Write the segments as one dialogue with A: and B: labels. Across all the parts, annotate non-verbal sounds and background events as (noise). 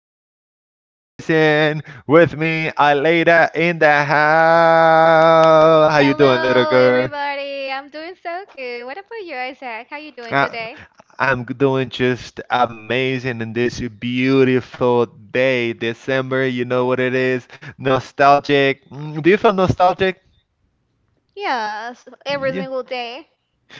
A: extraordinary person with me, Aleda in the house. How you doing, little
B: Hello,
A: girl?
B: everybody. I'm doing so good. What about you, Isaac? How you doing
A: I,
B: today?
A: I'm doing just amazing in this beautiful day, December. You know what it is? Nostalgic. Do you feel nostalgic?
B: Yes, every
A: Yeah.
B: single day.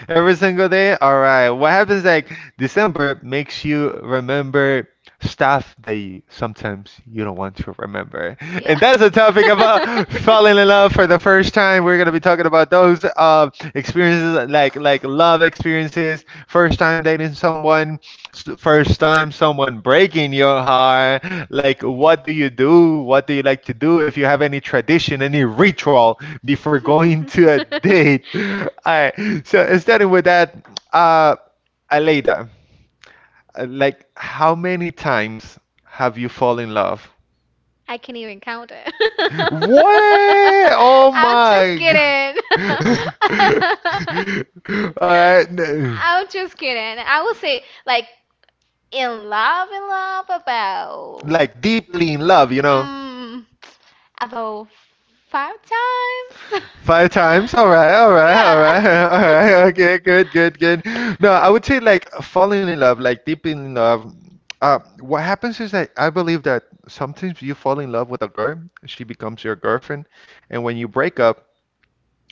A: Every single day? All right. What happens like December makes you remember stuff that sometimes you don't want to remember.
B: Yeah.
A: And that's a topic
B: (laughs)
A: about falling in love for the first time. We're going to be talking about those experiences like love experiences, first time dating someone, first time someone breaking your heart, like what do you do, what do you like to do if you have any tradition, any ritual before going to a date. (laughs) All right, so starting with that, uh Aleida, like how many times have you fallen in love?
B: I can't even count it. (laughs)
A: What? Oh
B: I'm just
A: my
B: kidding. (laughs)
A: god. (laughs) All right,
B: I'm just kidding. I would say like in love about.
A: like deeply in love, you know.
B: about five times.
A: Five
B: (laughs)
A: times. All right, all
B: (laughs)
A: right, all right. (laughs) All right. Okay,
B: (laughs)
A: good, good, good.
B: (laughs)
A: No, I would say like falling in love, like deep in love. What happens is that I believe that sometimes you fall in love with a girl, she becomes your girlfriend, and when you break up,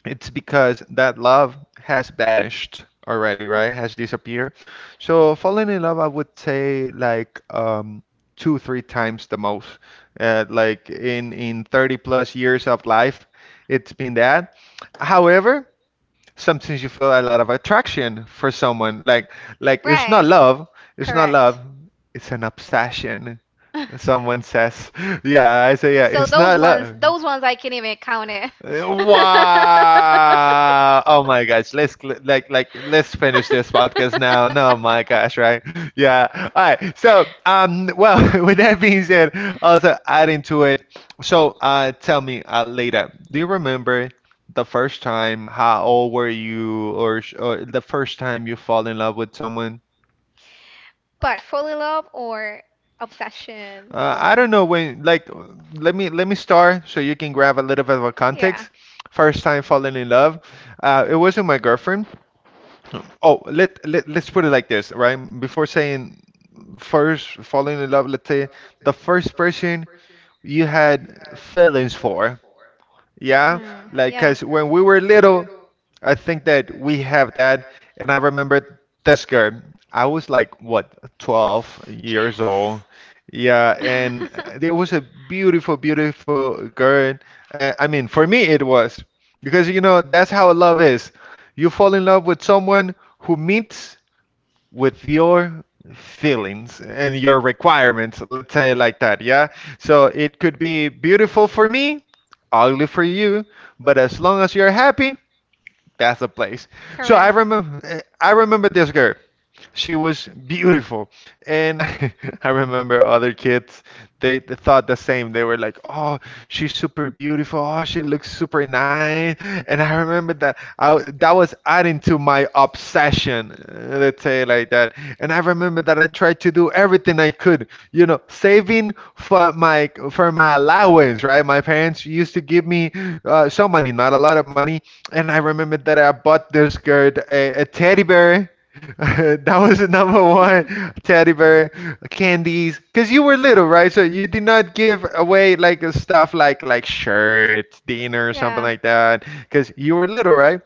A: it's because that love has vanished already, right? Has disappeared. So falling in love, I would say like two, three times the most. Like in 30 plus years of life, it's been that. However, sometimes you feel a lot of attraction for someone. Like it's not love, it's not love, it's an obsession. Someone says, yeah, I say, yeah,
B: love.
A: it's
B: Those
A: not love.
B: ones I can't even count it. (laughs)
A: Wow! Oh my gosh, let's let's finish this podcast now. No, my gosh, right? Yeah. All right. So, well, (laughs) with that being said, also adding to it. So, tell me, later, do you remember the first time? How old were you, or, or the first time you fall in love with someone?
B: But fall in love or obsession,
A: I don't know when, like, let me start so you can grab a little bit of a context. First time falling in love, it wasn't my girlfriend. Oh, let's put it like this, right? Before saying first falling in love, let's say the first person you had feelings for, yeah,
B: yeah.
A: like because when we were little, I think that we have that, and I remember this girl. I was like what, 12 years old. Yeah, and
B: (laughs)
A: there was a beautiful, beautiful girl. I mean, for me it was because you know that's how love is. You fall in love with someone who meets with your feelings and your requirements, let's say it like that. Yeah, so it could be beautiful for me, ugly for you, but as long as you're happy, that's the place.
B: So
A: So I remember this girl. She was beautiful, and (laughs) I remember other kids. They thought the same. They were like, "Oh, she's super beautiful. Oh, she looks super nice." And I remember that that was adding to my obsession. Let's say it like that. And I remember that I tried to do everything I could. You know, saving for my allowance. Right, my parents used to give me some money, not a lot of money, and I remembered that I bought this girl a teddy bear. (laughs) That was the number one teddy bear,
B: you
A: candies. Cause you were little, right? So you did not give away like stuff
B: stuff
A: like shirts, dinner, or something like that. Cause you were little, right?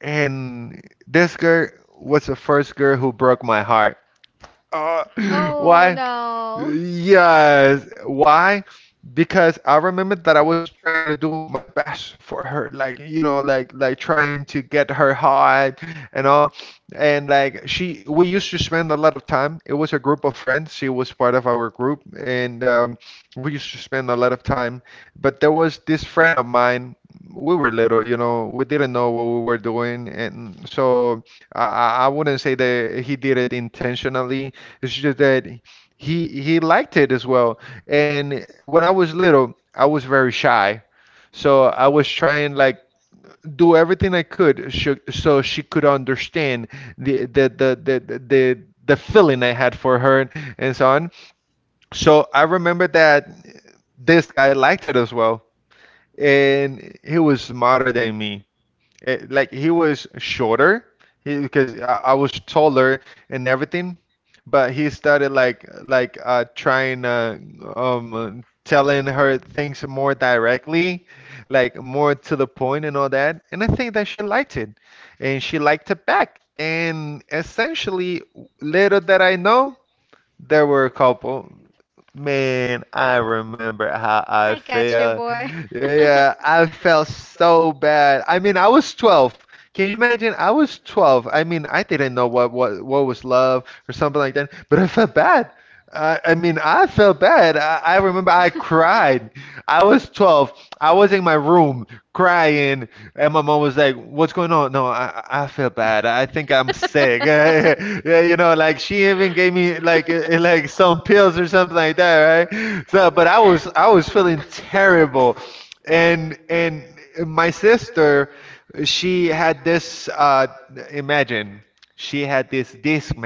A: And this girl was the first girl who broke my heart. Uh,
B: (clears throat)
A: why?
B: no.
A: Yes. Why? Because I remember that I was trying to do my best for her, like you know, like trying to get her hot and all, and like she, we used to spend a lot of time. It was a group of friends. She was part of our group, and we used to spend a lot of time. But there was this friend of mine. We were little, you know, we didn't know what we were doing, and so I wouldn't say that he did it intentionally, it's just that he liked it as well. And when I was little, I was very shy, so I was trying like do everything I could so she could understand the the the the the. the the feeling I had for her and so on. So I remember that this guy liked it as well, and he was smarter than me. It, like he was shorter, because I was taller and everything, but he started like trying um uh, telling her things more directly, like more to the point and all that. And I think that she liked it, and she liked it back. And essentially, little that I know, they were a couple. Man, I remember how I felt.
B: Boy.
A: Yeah, I felt so bad. I mean, I was 12. Can you imagine? I was 12. I mean, I didn't know what what was love or something like that, but I felt bad. I mean, I felt bad. I remember I cried. I was 12. I was in my room crying, and my mom was like, "What's going on?" No, I feel bad. I think I'm sick. (laughs) Yeah, you know, like she even gave me like like some pills or something like that, right? So, but I was feeling terrible, and my sister, she had this. Imagine she had this disc,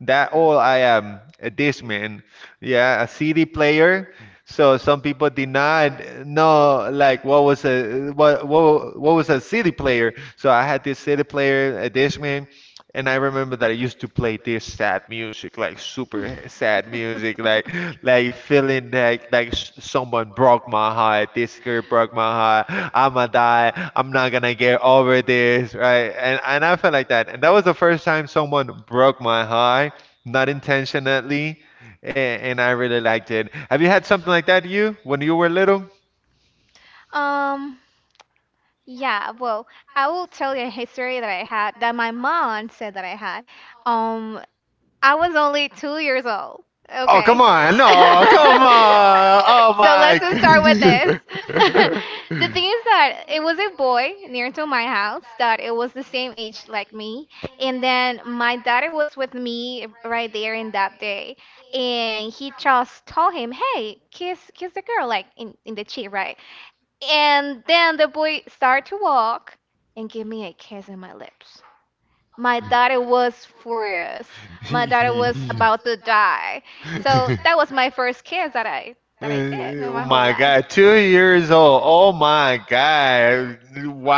A: that all I am a discman, yeah, a CD player. So some people denied no, like what was a what was a CD player? So I had this CD player, a discman, and I remember that I used to play this sad music, like super sad music, like feeling like someone broke my heart. This girl broke my heart. I'ma die. I'm not gonna get over this, right? And I felt like that, and that was the first time someone broke my heart, not intentionally, and I really liked it. Have you had something like that, you, when you were little?
B: Um, yeah, well, I will tell you a history that I had, that my mom said that I had. Um, I was only 2 years old.
A: Oh,
B: Okay.
A: come on.
B: (laughs)
A: No, come on. Oh,
B: So let's
A: my. (laughs)
B: just start with this.
A: There was
B: (laughs)
A: a
B: The thing is that it was a boy near to my house that it was the same age like me, and then my daddy was with me right there in that day, and he just told him, "Hey, kiss the girl like in the cheek, right?" And then the boy started to walk and give me a kiss on my lips. My daughter was furious. My daughter was
A: (laughs)
B: about to die. So that was my first kiss that I did in
A: Oh
B: my whole
A: my
B: life.
A: god, 2 years old. Oh my god.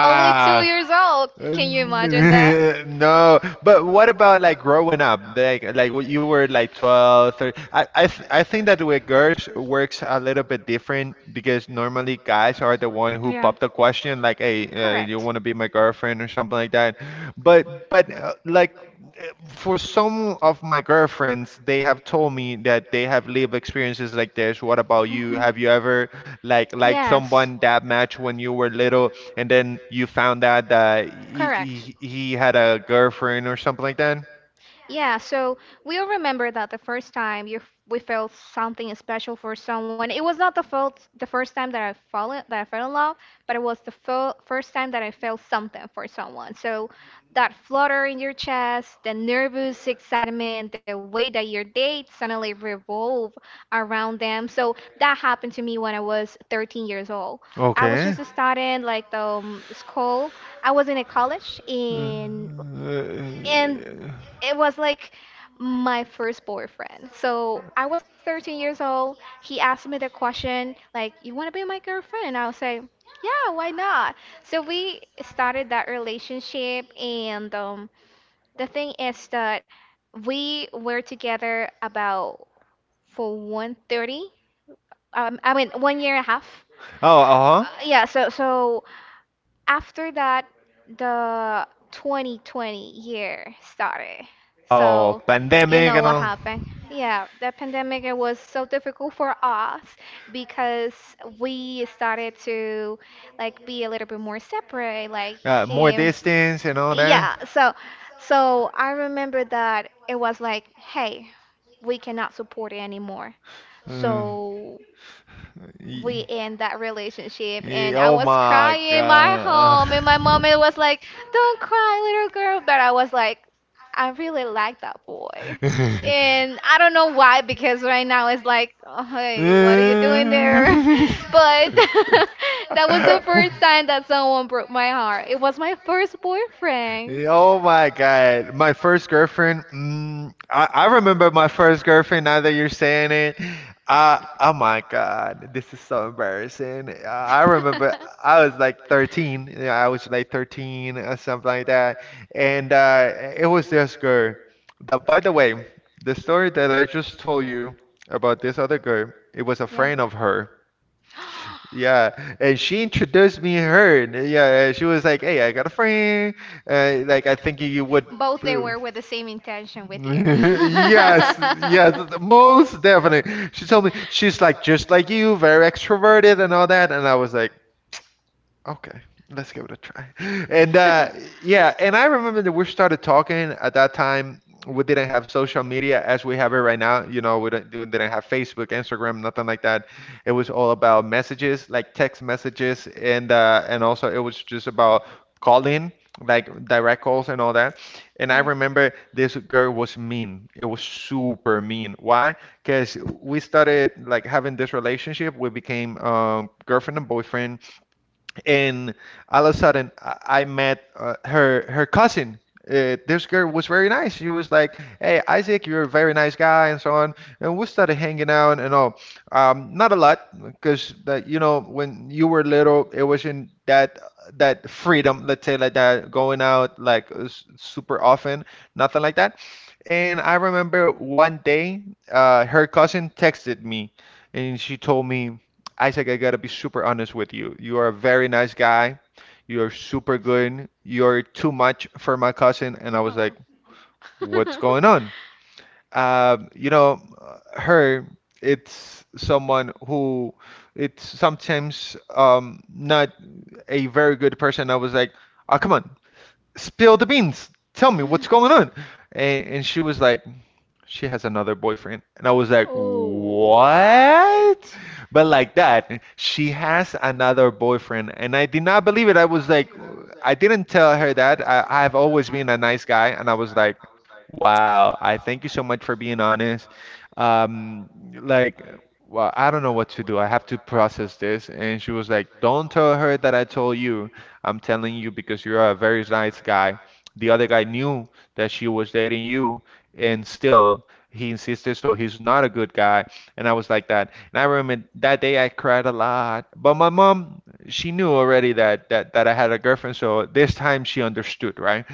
B: Only two years old.
A: (laughs)
B: Can you imagine that? (laughs)
A: No, but what about like growing up? Like when you were like 12, 13. I think that with girls works a little bit different because normally guys are the one who
B: Yeah.
A: pop the question like, "Hey, you
B: Correct.
A: want to be my girlfriend?" or something like that. But like for some of my girlfriends, they have told me that they have lived experiences like this. What about you?
B: Mhm.
A: Have you ever like liked
B: Yes.
A: someone that much when you were little, and then you found out that
B: Correct.
A: he had a girlfriend or something like that?
B: Yeah, so we'll remember that the first time you we felt something special for someone. It was not the felt the first time that I fallen that I fell in love, but it was the first time that I felt something for someone. So that flutter in your chest, the nervous excitement, the way that your dates suddenly revolve around them. So that happened to me when I was 13 years old. I was
A: Okay.
B: just starting like the school. I was in a college, and
A: Uh,
B: and it was like my first boyfriend. So I was 13 years old. He asked me the question like, "You want to be my girlfriend?" And I would say, "Yeah, why not?" So we started that relationship, and the thing is that we were together about for 130, I mean, 1 year and a half.
A: Oh, uh-huh.
B: Yeah, so after that the 2020 year started,
A: Oh,
B: so you
A: pandemic
B: know
A: and
B: what
A: all,
B: happened. Yeah, the pandemic. It was so difficult for us because we started to like be a little bit more separate like
A: more
B: him.
A: distance and all that.
B: Yeah, so I remember that it was like, hey, we cannot support it anymore,
A: Uh,
B: so we
A: y-
B: end that relationship. And I
A: oh
B: was
A: my
B: crying in my
A: god.
B: home and my mom was like, "Don't cry, little girl," but I was like,
A: (laughs)
B: "I really like that boy."
A: (laughs)
B: And I don't know why, because right now it's like, "Oh, hey, what are you doing there?" (laughs) But (laughs) that was the first time that someone broke my heart. It was my first boyfriend.
A: Oh my God. My first girlfriend, I remember my first girlfriend now that you're saying it. I, oh my God, this is so embarrassing. I remember I was like 13. Yeah, I was like 13 or something like that. And it was this girl. That, by the way, the story that I just told you about this other girl, it was a
B: Yeah.
A: friend of her.
B: (gasps)
A: Yeah, and she introduced me her. And, yeah, and she was like, "Hey, I got a friend. Like, I think you would."
B: Both they
A: Boo.
B: were
A: (laughs)
B: with the same intention with you.
A: Yes, yes,
B: (laughs)
A: most definitely. She told me she's like just like you, very extroverted and all that, and I was like, okay, let's give it a try. And
B: (laughs)
A: yeah, and I remember that we started talking at that time. We didn't have social media as we have it right now. You know, we didn't have Facebook, Instagram, nothing like that. It was all about messages, like text messages, and also it was just about calling, like direct calls and all that. And I remember this girl was mean. It was super mean. Why? Because we started like having this relationship. We became girlfriend and boyfriend and all of a sudden I met her cousin. This girl was very nice. She was like, "Hey, Isaac, you're a very nice guy," and so on. And we started hanging out and all. Not a lot, because that you know when you were little, it wasn't that that freedom, let's say like that, going out like super often, nothing like that. And I remember one day, her cousin texted me, and she told me. Isaac, I gotta be super honest with you. You are a very nice guy. You're super good. You're too much for my cousin. And I was
B: Oh.
A: like, what's going
B: Oh. (laughs)
A: on? You know, her, it's someone who, it's sometimes not a very good person. I was like, oh, come on, spill the beans. Tell me what's going on. And she was like, she has another boyfriend. And I was like,
B: Oh,
A: what? But like that, she has another boyfriend. And I did not believe it. I was like, I didn't tell her that. I've always been a nice guy. And I was like, wow, I thank you so much for being honest. Um, like, well, I don't know what to do. I have to process this. And she was like, don't tell her that I told you. I'm telling you because you're a very nice guy. The other guy knew that she was dating you and still he insisted, so he's not a good guy. And I was like that, and I remember that day I cried a lot. But my mom, she knew already that that I had a girlfriend, so this time she understood, right?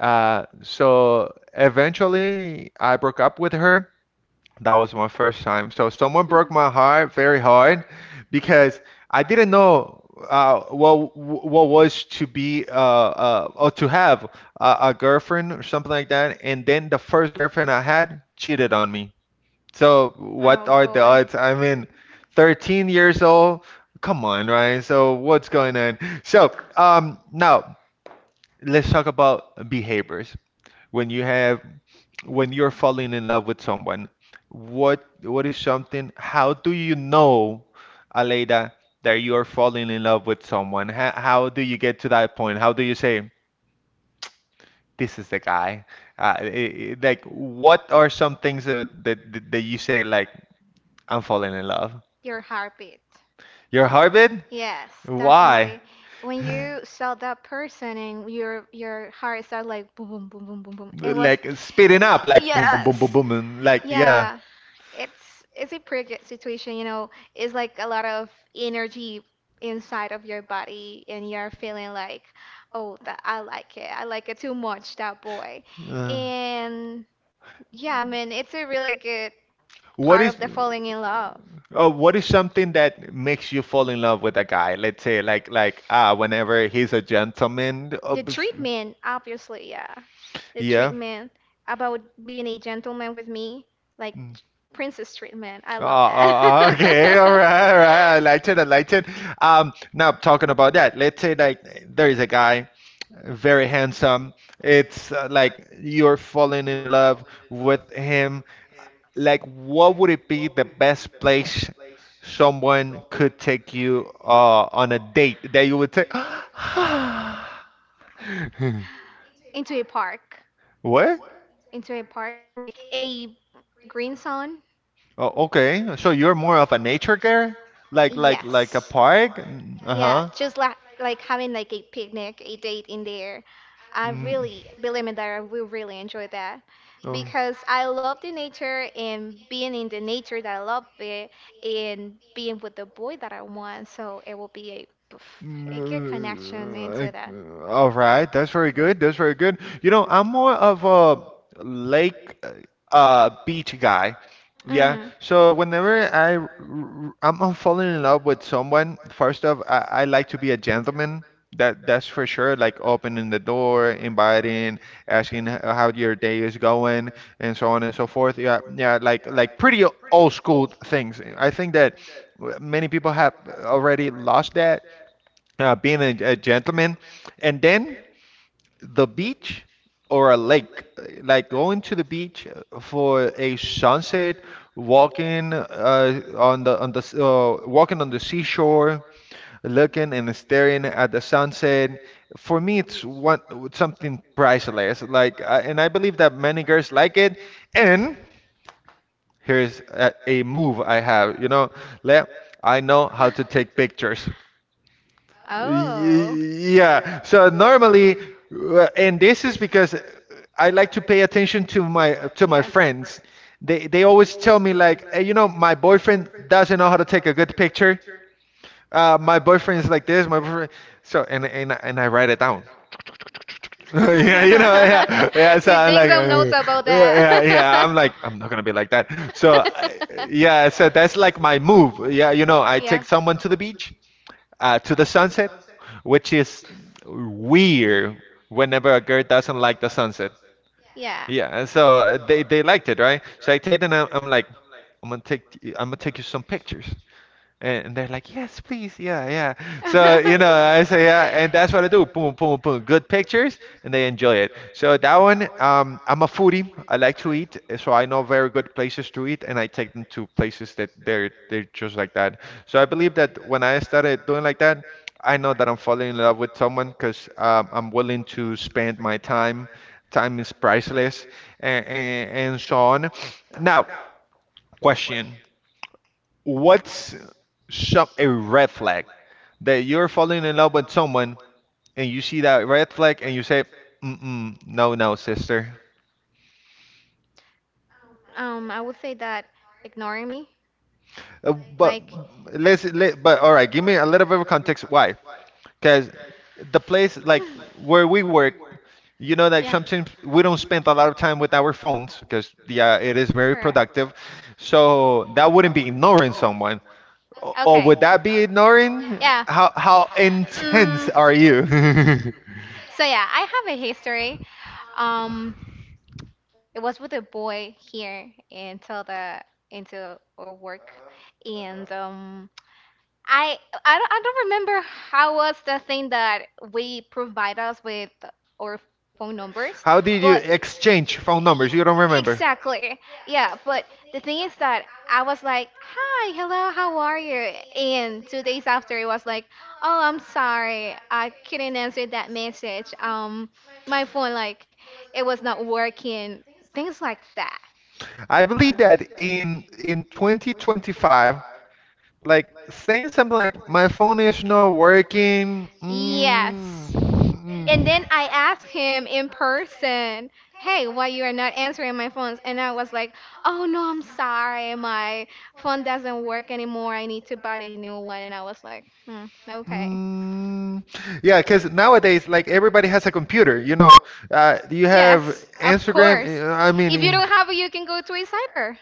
A: So eventually I broke up with her. That was my first time. So someone broke my heart very hard because I didn't know what was to be or to have a girlfriend or something like that. And then the first girlfriend I had cheated on me. So what are the odds? I mean, 13 years old. Come on, Ryan. So what's going on? So now let's talk about behaviors. When you have when you're falling in love with someone, what is something? How do you know, Aleida, that you're falling in love with someone? How do you get to that point? How do you say this is the guy? Like, what are some things that you say like I'm falling in love?
B: your heartbeat.
A: Your heartbeat?
B: Yes,
A: Why?
B: definitely. When you saw that person and your heart started like boom boom boom boom boom boom. It was
A: Like speeding
B: eh,
A: up, like boom, boom, boom, boom,
B: yes.
A: boom, and like yeah.
B: Yeah, it's a pretty good situation, you know. It's like a lot of energy inside of your body, and you're feeling like, oh, that I like it. I like it too much, that boy.
A: Uh.
B: And yeah, I mean, it's a really good
A: What
B: part
A: is
B: of the falling in love.
A: uh, what is something that makes you fall in love with a guy? Let's say like ah, whenever he's a gentleman.
B: The treatment, obviously, yeah. The
A: Yeah.
B: treatment about being a gentleman with me, like
A: Mm.
B: princess treatment. I
A: Oh, oh,
B: love
A: oh, (laughs)
B: that.
A: okay, all right, all right. I like it. I
B: (laughs)
A: like it. Now talking about that, let's say like there is a guy, very handsome. It's like you're falling in love with him. Like what would it be the best place someone could take you on a date that you would take? (gasps)
B: Into a park,
A: What?
B: into a park, like a green zone,
A: Oh, okay. So you're more of a nature girl, like a
B: yes.
A: park. Uh
B: Yeah,
A: huh.
B: just like having like a picnic, a date in there. I
A: Mm.
B: really believe me that I will really enjoy that,
A: Oh.
B: because I love the nature and being in the nature, that I love it, and being with the boy that I want. So it will be a poof, a good connection
A: Mm,
B: into that.
A: all right, that's very good. That's very good. You know, I'm more of a lake, beach guy. Yeah.
B: Mm-hmm.
A: So
B: (laughs)
A: whenever I'm, falling in love with someone, first off, I like to be a gentleman. That's for sure. Like opening the door, inviting, asking how your day is going, and so on and so forth. Yeah, yeah. Like pretty old school things. I think that many people have already lost that, yeah, being a gentleman. And then the beach or a lake, like going to the beach for a sunset, walking on the walking on the seashore, looking and staring at the sunset. For me, it's one something priceless. Like, I, and I believe that many girls like it. And here's a move I have. You know, Le, I know how to take pictures. Y-
B: Oh.
A: Yeah. So normally, and this is because I like to pay attention to my
B: Yeah.
A: friends. They always tell me like, hey, you know, my boyfriend doesn't know how to take a good picture. My boyfriend is like this. My boyfriend. So and I write it down. (laughs) Yeah, you know, yeah, yeah.
B: (laughs)
A: So
B: You
A: I'm
B: take
A: like,
B: some notes about
A: yeah,
B: that.
A: yeah, yeah. I'm like, I'm not gonna be like that. So
B: (laughs)
A: yeah, so that's like
B: Yeah.
A: my move. Yeah, you know, I
B: Yeah.
A: take someone to the beach to the sunset, which is weird whenever a girl doesn't like the sunset. Yeah, and so they liked it, right? So I take them. I'm like, I'm gonna take you some pictures. And they're like, yes, please, yeah, yeah. So, you know, I say, yeah, and that's what I do. Boom, boom, boom. Good pictures, and they
B: (laughs)
A: enjoy it. So that one, I'm a foodie. I like to eat, eh, so I know very good places to eat, and I take them to places that they're just like that. So I believe that when I started doing like that, I know that I'm falling in love with someone because I'm willing to spend my time. Time is priceless, and so on. Now, question. What's some A red flag that you're falling in love with someone and you see that red flag and you say, mm-mm, no, no, sister.
B: I would say that ignoring me,
A: Uh, but
B: like,
A: but all right, give me a little bit of context why. Because the place like where we work, you know, like
B: yeah.
A: sometimes we don't spend a lot of time with our phones because, yeah, it is very
B: Correct.
A: productive. So that wouldn't be ignoring someone. Or
B: Okay.
A: would that be ignoring?
B: Yeah.
A: How intense
B: Mm,
A: are you? (laughs)
B: so yeah, I have a history. Um, it was with a boy here into the into our work. Uh-huh. And (laughs) uh-huh, I I don't remember how was the thing that we provide us with our phone numbers.
A: How
B: How
A: did you
B: but
A: exchange phone
B: E-
A: numbers? You don't remember.
B: exactly, yeah. But the thing is that I was like, "Hi, hello, how are you?" And 2 days after, it was like, "Oh, I'm sorry, I couldn't answer that message. My phone, like, it was not working. Things like that."
A: I believe that in 2025, like
B: Like
A: saying
B: saying
A: something
B: something
A: like
B: like,
A: my
B: my
A: phone
B: phone
A: is
B: is
A: not
B: not working.
A: working. Mm,
B: Yes. And
A: mm,
B: then I asked him in person, "Hey, why you are not answering my phones?" And I was like, "Oh no, I'm sorry. My phone doesn't work anymore. I need to buy a new one." And I was like, "Hmm, okay."
A: mm, yeah, because nowadays, like everybody has a computer, you know. You have
B: Yes, of
A: Instagram.
B: course. If you don't have it, you can go to a cyber.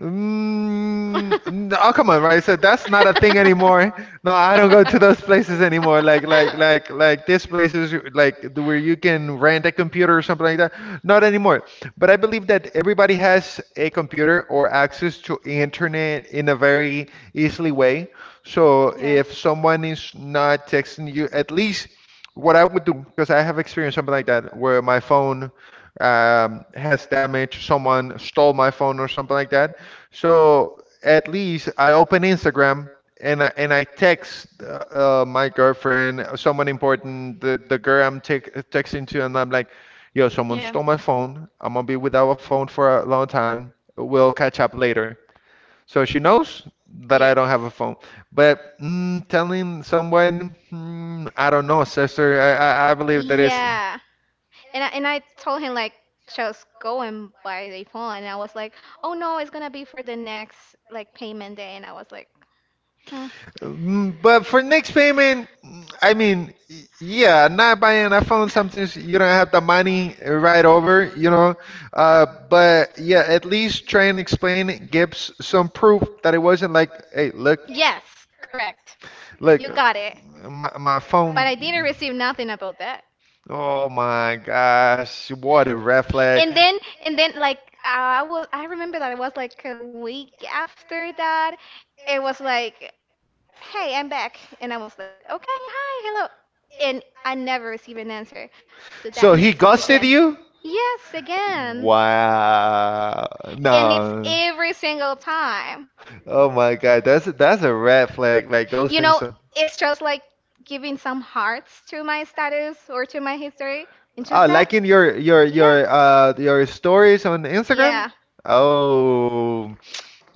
A: Mm, oh come on,
B: (laughs)
A: right? So that's not a thing anymore. No, I don't go to those places anymore. Like these places like where you can rent a computer or something like that. Not anymore. But I believe that everybody has a computer or access to internet in a very easily way. So
B: Yes.
A: if someone is not texting you, at least what I would do, because I have experienced something like that where my phone has damage, someone stole my phone or something like that. So at least I open Instagram and I text my girlfriend, someone important, the girl I'm te texting to, and I'm like, "Yo, someone
B: Yeah.
A: stole my phone. I'm gonna be without a phone for a long time. We'll catch up later." So she knows that I
B: Yes.
A: don't have a phone. But mm, telling someone, mm, I don't know, sister. I believe that is.
B: Yeah. And I told him like, just go and buy the phone, and I was like, "Oh no, it's gonna be for the next like payment day." And I was like, "Hmm."
A: Mm, but for next payment, mm, I mean, yeah, not buying an iPhone. Sometimes you don't have the money right over, you know. But yeah, at least try and explain, give some proof that it wasn't like, hey, look,
B: Yes, correct.
A: look,
B: You got it.
A: my
B: But
A: phone.
B: I didn't receive nothing about that.
A: Oh my gosh, what a red flag.
B: And then like I remember that it was like a week after that, it was like, hey, I'm back. And I was like, okay, hi, hello. And I never received an answer to that
A: So he
B: message
A: ghosted
B: again.
A: you?
B: Yes, again.
A: Wow.
B: And it's
A: No.
B: every single time.
A: Oh my God, that's a red flag. Like
B: You
A: ghosting
B: know,
A: some.
B: it's just like giving some hearts to my status or to my history. And just
A: Oh,
B: that.
A: liking your your
B: Yeah.
A: your uh your stories on Instagram?
B: Yeah.
A: Oh,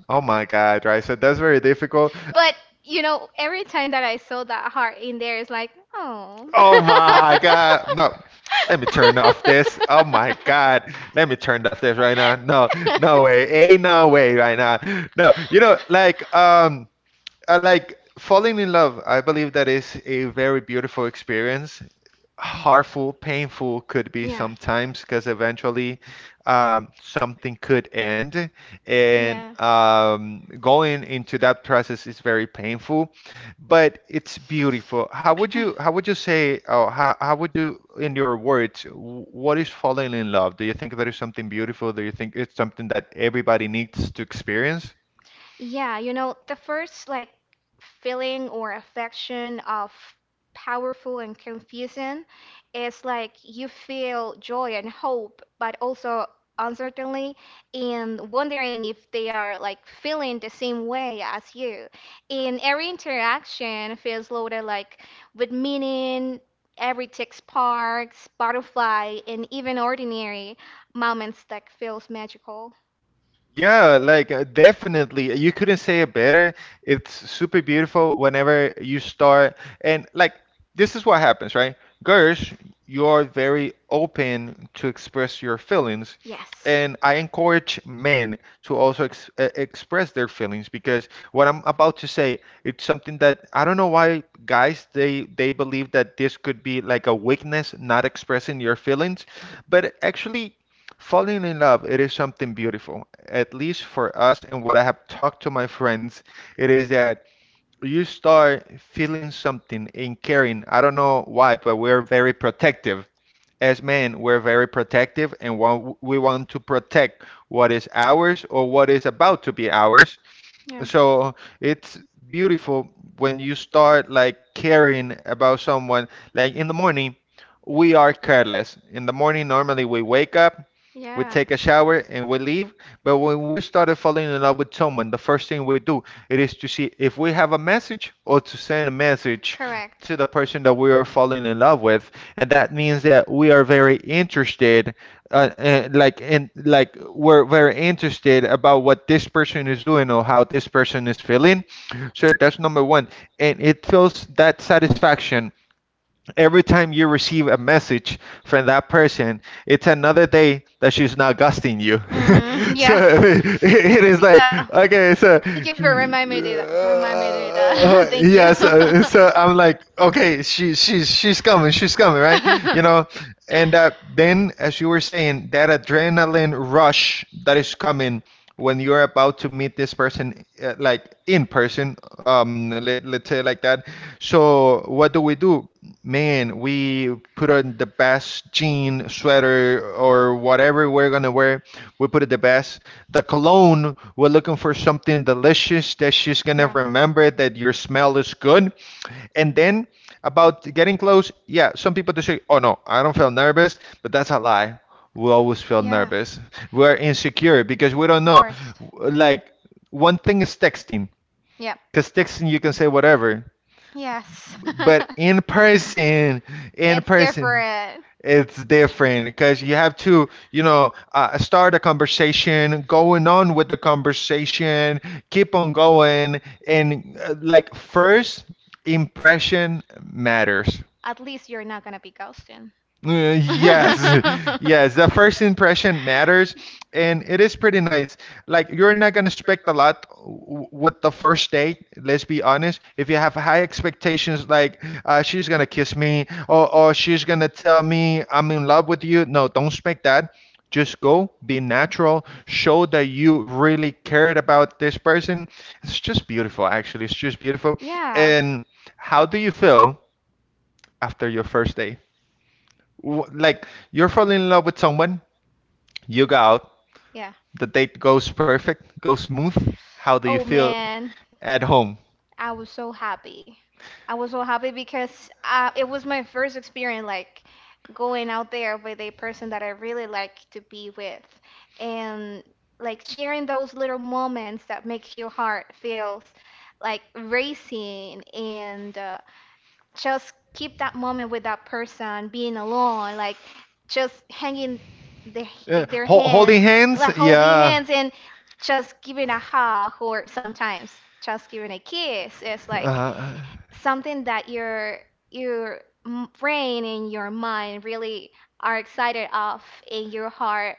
A: oh my God, right. So that's very difficult.
B: But you know, every time that I saw that heart in there, it's like, oh.
A: Oh my God, no.
B: (laughs)
A: Let me turn off this. Oh my God, let me turn off this right now. No, no way, ain't no way right now. No, you know, like I like falling in love. I believe that is a very beautiful experience. Harmful, painful could be
B: Yeah.
A: sometimes because eventually something could end, and
B: Yeah.
A: going into that process is very painful, but it's beautiful. How would you say or how would you in your words what is falling in love? Do you think that is something beautiful? Do you think it's something that everybody needs to experience?
B: Yeah, you know, the first like feeling or affection of powerful and confusing is like, you feel joy and hope, but also uncertainty and wondering if they are like feeling the same way as you. And every interaction feels loaded like with meaning. Every tick sparks, butterfly, and even ordinary moments that feels magical.
A: Yeah, like definitely. You couldn't say it better. It's super beautiful whenever you start. And like, this is what happens, right? Gersh, you're very open to express your feelings.
B: Yes.
A: And I encourage men to also ex express their feelings because what I'm about to say, it's something that I don't know why guys they believe that this could be like a weakness, not expressing your feelings, but actually falling in love, it is something beautiful. At least for us, and what I have talked to my friends, it is that you start feeling something and caring. I don't know why, but we're very protective. As men, we're very protective and we want to protect what is ours or what is about to be ours.
B: Yeah.
A: So it's beautiful when you start like caring about someone. Like in the morning, we are careless. In the morning, normally we wake up, we
B: Yeah.
A: take a shower and we leave. But when we started falling in love with someone, the first thing we do it is to see if we have a message or to send a message
B: Correct.
A: to the person that we are falling in love with, and that means that we are very interested, like we're very interested about what this person is doing or how this person is feeling. So that's number one, and it feels that satisfaction every time you receive a message from that person, it's another day that she's not ghosting you. (laughs)
B: Mm-hmm. Yeah. (laughs)
A: (laughs) It is like,
B: Yeah.
A: okay,
B: Thank you for
A: (laughs)
B: reminding me do that. Remind me to do that. (laughs) Thank you.
A: yes,
B: (laughs)
A: so I'm like, okay, she's coming, she's coming, right? You know, and Then as you were saying, that adrenaline rush that is coming when you're about to meet this person like in person, let's say like that. So what do we do, man? We put on the best jean sweater or whatever we're gonna wear, we put it the best the cologne, we're looking for something delicious that she's gonna remember that your smell is
B: Yeah.
A: good. And then about getting close, yeah, some people just say, oh, no, I don't feel nervous, but that's a lie. We always feel
B: Yeah,
A: nervous. We're insecure because we don't
B: of
A: know.
B: course.
A: Like, one thing is texting,
B: Yeah.
A: because texting you can say whatever,
B: Yes.
A: but
B: (laughs)
A: in
B: It's
A: person,
B: different.
A: it's different because you have to, start a conversation, going on with the conversation, keep on going, and like first impression matters.
B: At least you're not gonna be ghosting.
A: Yes, (laughs) yes, the first impression matters, and it is pretty nice. Like, you're not gonna expect a lot with the first date, let's be honest. If you have high expectations, like, she's gonna kiss me, or she's gonna tell me I'm in love with you, no, don't expect that. Just go, be natural, show that you really cared about this person. It's just beautiful, actually. It's just
B: (laughs)
A: beautiful.
B: Yeah.
A: And how do you feel after your first date? Like, you're falling in love with someone, you go out,
B: Yeah.
A: the date goes perfect, goes smooth. How do you
B: Oh
A: feel
B: man.
A: at home?
B: I was so happy. I was so happy because it was my first experience, like going out there with a person that I really like to be with, and like sharing those little moments that make your heart feels like racing, and just keep that moment with that person, being alone, like just hanging their, their
A: Ho Holding
B: hands,
A: hands?
B: like holding
A: Yeah.
B: hands and just giving a hug, or sometimes just giving a kiss. It's like
A: Uh,
B: something that your brain and your mind really are excited of, and your heart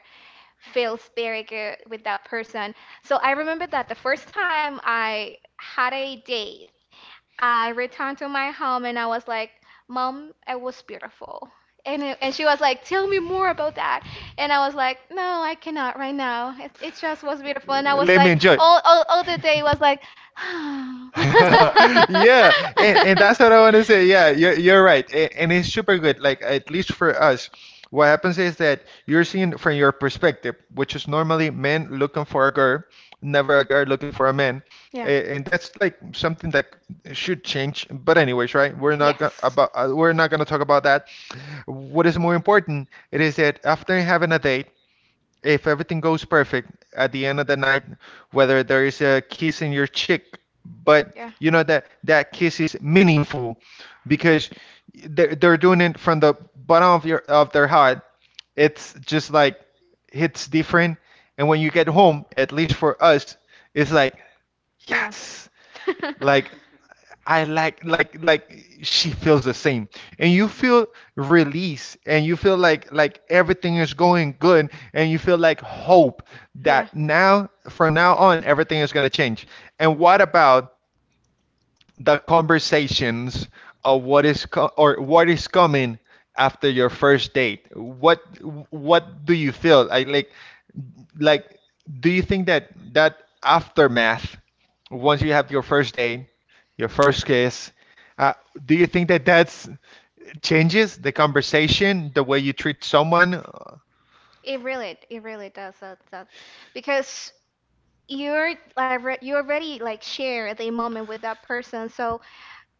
B: feels very good with that person. So I remember that the first time I had a date, I returned to my home and I was like, "Mom, it was beautiful." And, and she was like, "Tell me more about that." And I was like, "No, I cannot right now. It just was beautiful." And I was
A: Let me
B: like,
A: enjoy.
B: all the day was like, (laughs)
A: (laughs)
B: (sighs)
A: Yeah, and that's what I want to say. Yeah, you're right. And it's super good. Like, at least for us, what happens is that you're seeing from your perspective, which is normally men looking for a girl, never a girl looking for a man.
B: Yeah.
A: And that's like something that should change, but anyways, right, we're not go- about we're not going to talk about that. What is more important, it is that after having a date, if everything goes perfect at the end of the night, whether there is a kiss in your cheek, but you know that that kiss is meaningful because they're doing it from the bottom of your of their heart. It's just like hits different, and when you get home, at least for us, it's like,
B: Yes. Yeah.
A: yes, like I like she feels the same, and you feel release, and you feel like everything is going good, and you feel like hope
B: Yeah.
A: that now from now on
B: (laughs)
A: everything is going to change.
B: Yeah.
A: And what about the conversations of what is coming after your first date? What do you feel? I like, do you think that that aftermath, once you have your first date, your first kiss, uh, do you think that that's changes the conversation, the way you treat someone?
B: It really does. That, because you're like you already like share the moment with that person. So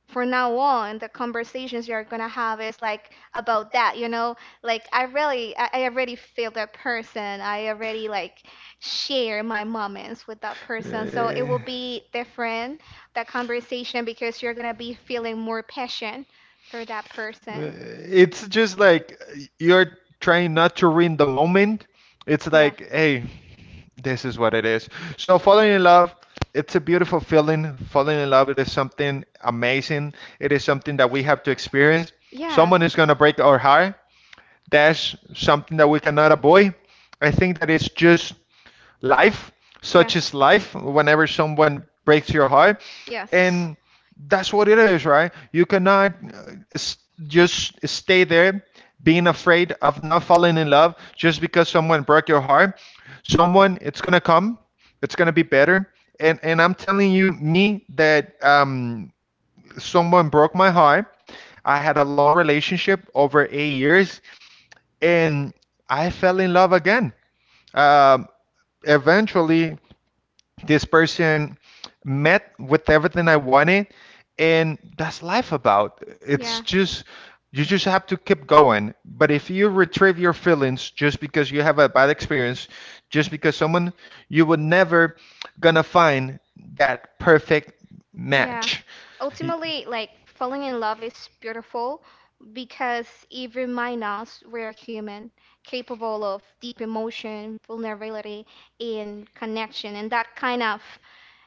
B: from now on, the conversations you're gonna have is like about that. You know, like I really, I already feel that person. I already like share my moments with that person. So it
A: Uh,
B: will be different that conversation, because you're gonna be feeling more passion for that
A: Uh,
B: person.
A: It's just like, you're trying not to ruin the moment. It's
B: Yeah.
A: like, hey, this is what it is. So falling in love, it's a beautiful feeling. Falling in love, it is something amazing. It is something that we have to experience.
B: Yeah.
A: Someone is gonna break our heart. That's something that we cannot avoid. I think that it's just life.
B: Yeah.
A: Such is life whenever someone breaks your heart.
B: Yes.
A: And that's what it is, right? You cannot just stay there being afraid of not falling in love just because someone broke your heart. Someone, it's going to come, it's going to be better. And I'm telling you, me, that someone broke my heart. I had a long relationship over 8 years, and I fell in love again. Um, Eventually, this person met with everything I wanted, and that's life about. It's
B: Yeah.
A: just you just have to keep going. But if you retrieve your feelings just because you have a bad experience, just because someone, you would never gonna find that perfect
B: Yeah.
A: match. Y-
B: Ultimately, like falling in love is beautiful, because it reminds us we're human, capable of deep emotion, vulnerability, and connection. And that kind of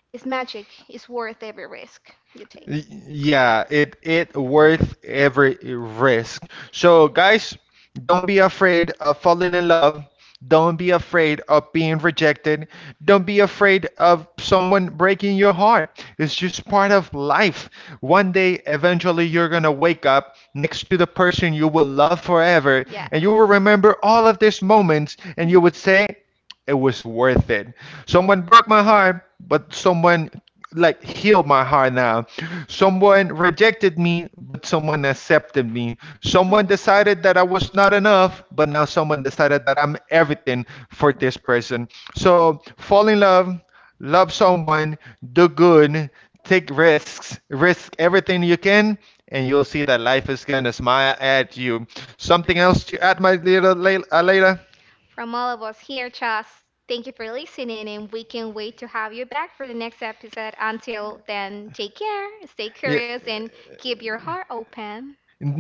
B: is magic, is worth every risk you take.
A: Yeah, it worth every risk. So guys, don't be afraid of falling in love. Don't be afraid of being rejected. Don't be afraid of someone breaking your heart. It's just part of life. One day, eventually, you're gonna wake up next to the person you will love forever,
B: Yes.
A: and you will
B: (laughs)
A: remember all of these moments, and you would say, it was worth it. Someone broke my heart, but someone like healed my heart now. Someone rejected me, but someone accepted me. Someone decided that I was not enough, but now someone decided that I'm
B: Yeah.
A: everything for this person. So fall in love, love someone, do good, take risks, risk everything you can, and you'll see that life is gonna smile at you. Something else to add, my little Layla?
B: From all of us here, Chas, thank you for listening, and we can't wait to have you back for the next episode. Until then, take care, stay
A: Yeah.
B: curious, and keep your heart open.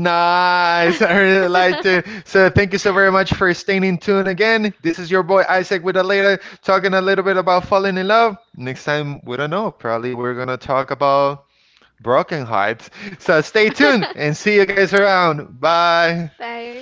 B: Nice. I
A: I
B: really
A: really liked
B: liked it.
A: it.
B: (laughs)
A: So thank you so very much for staying in tune again. This is your boy Isaac with Aleda talking a little bit about falling in love. Next time, we don't know. Probably we're gonna talk about broken hearts.
B: So
A: So
B: stay
A: stay tuned
B: tuned (laughs) and
A: and
B: see
A: see
B: you
A: you
B: guys
A: guys
B: around.
A: around. Bye.
B: Bye.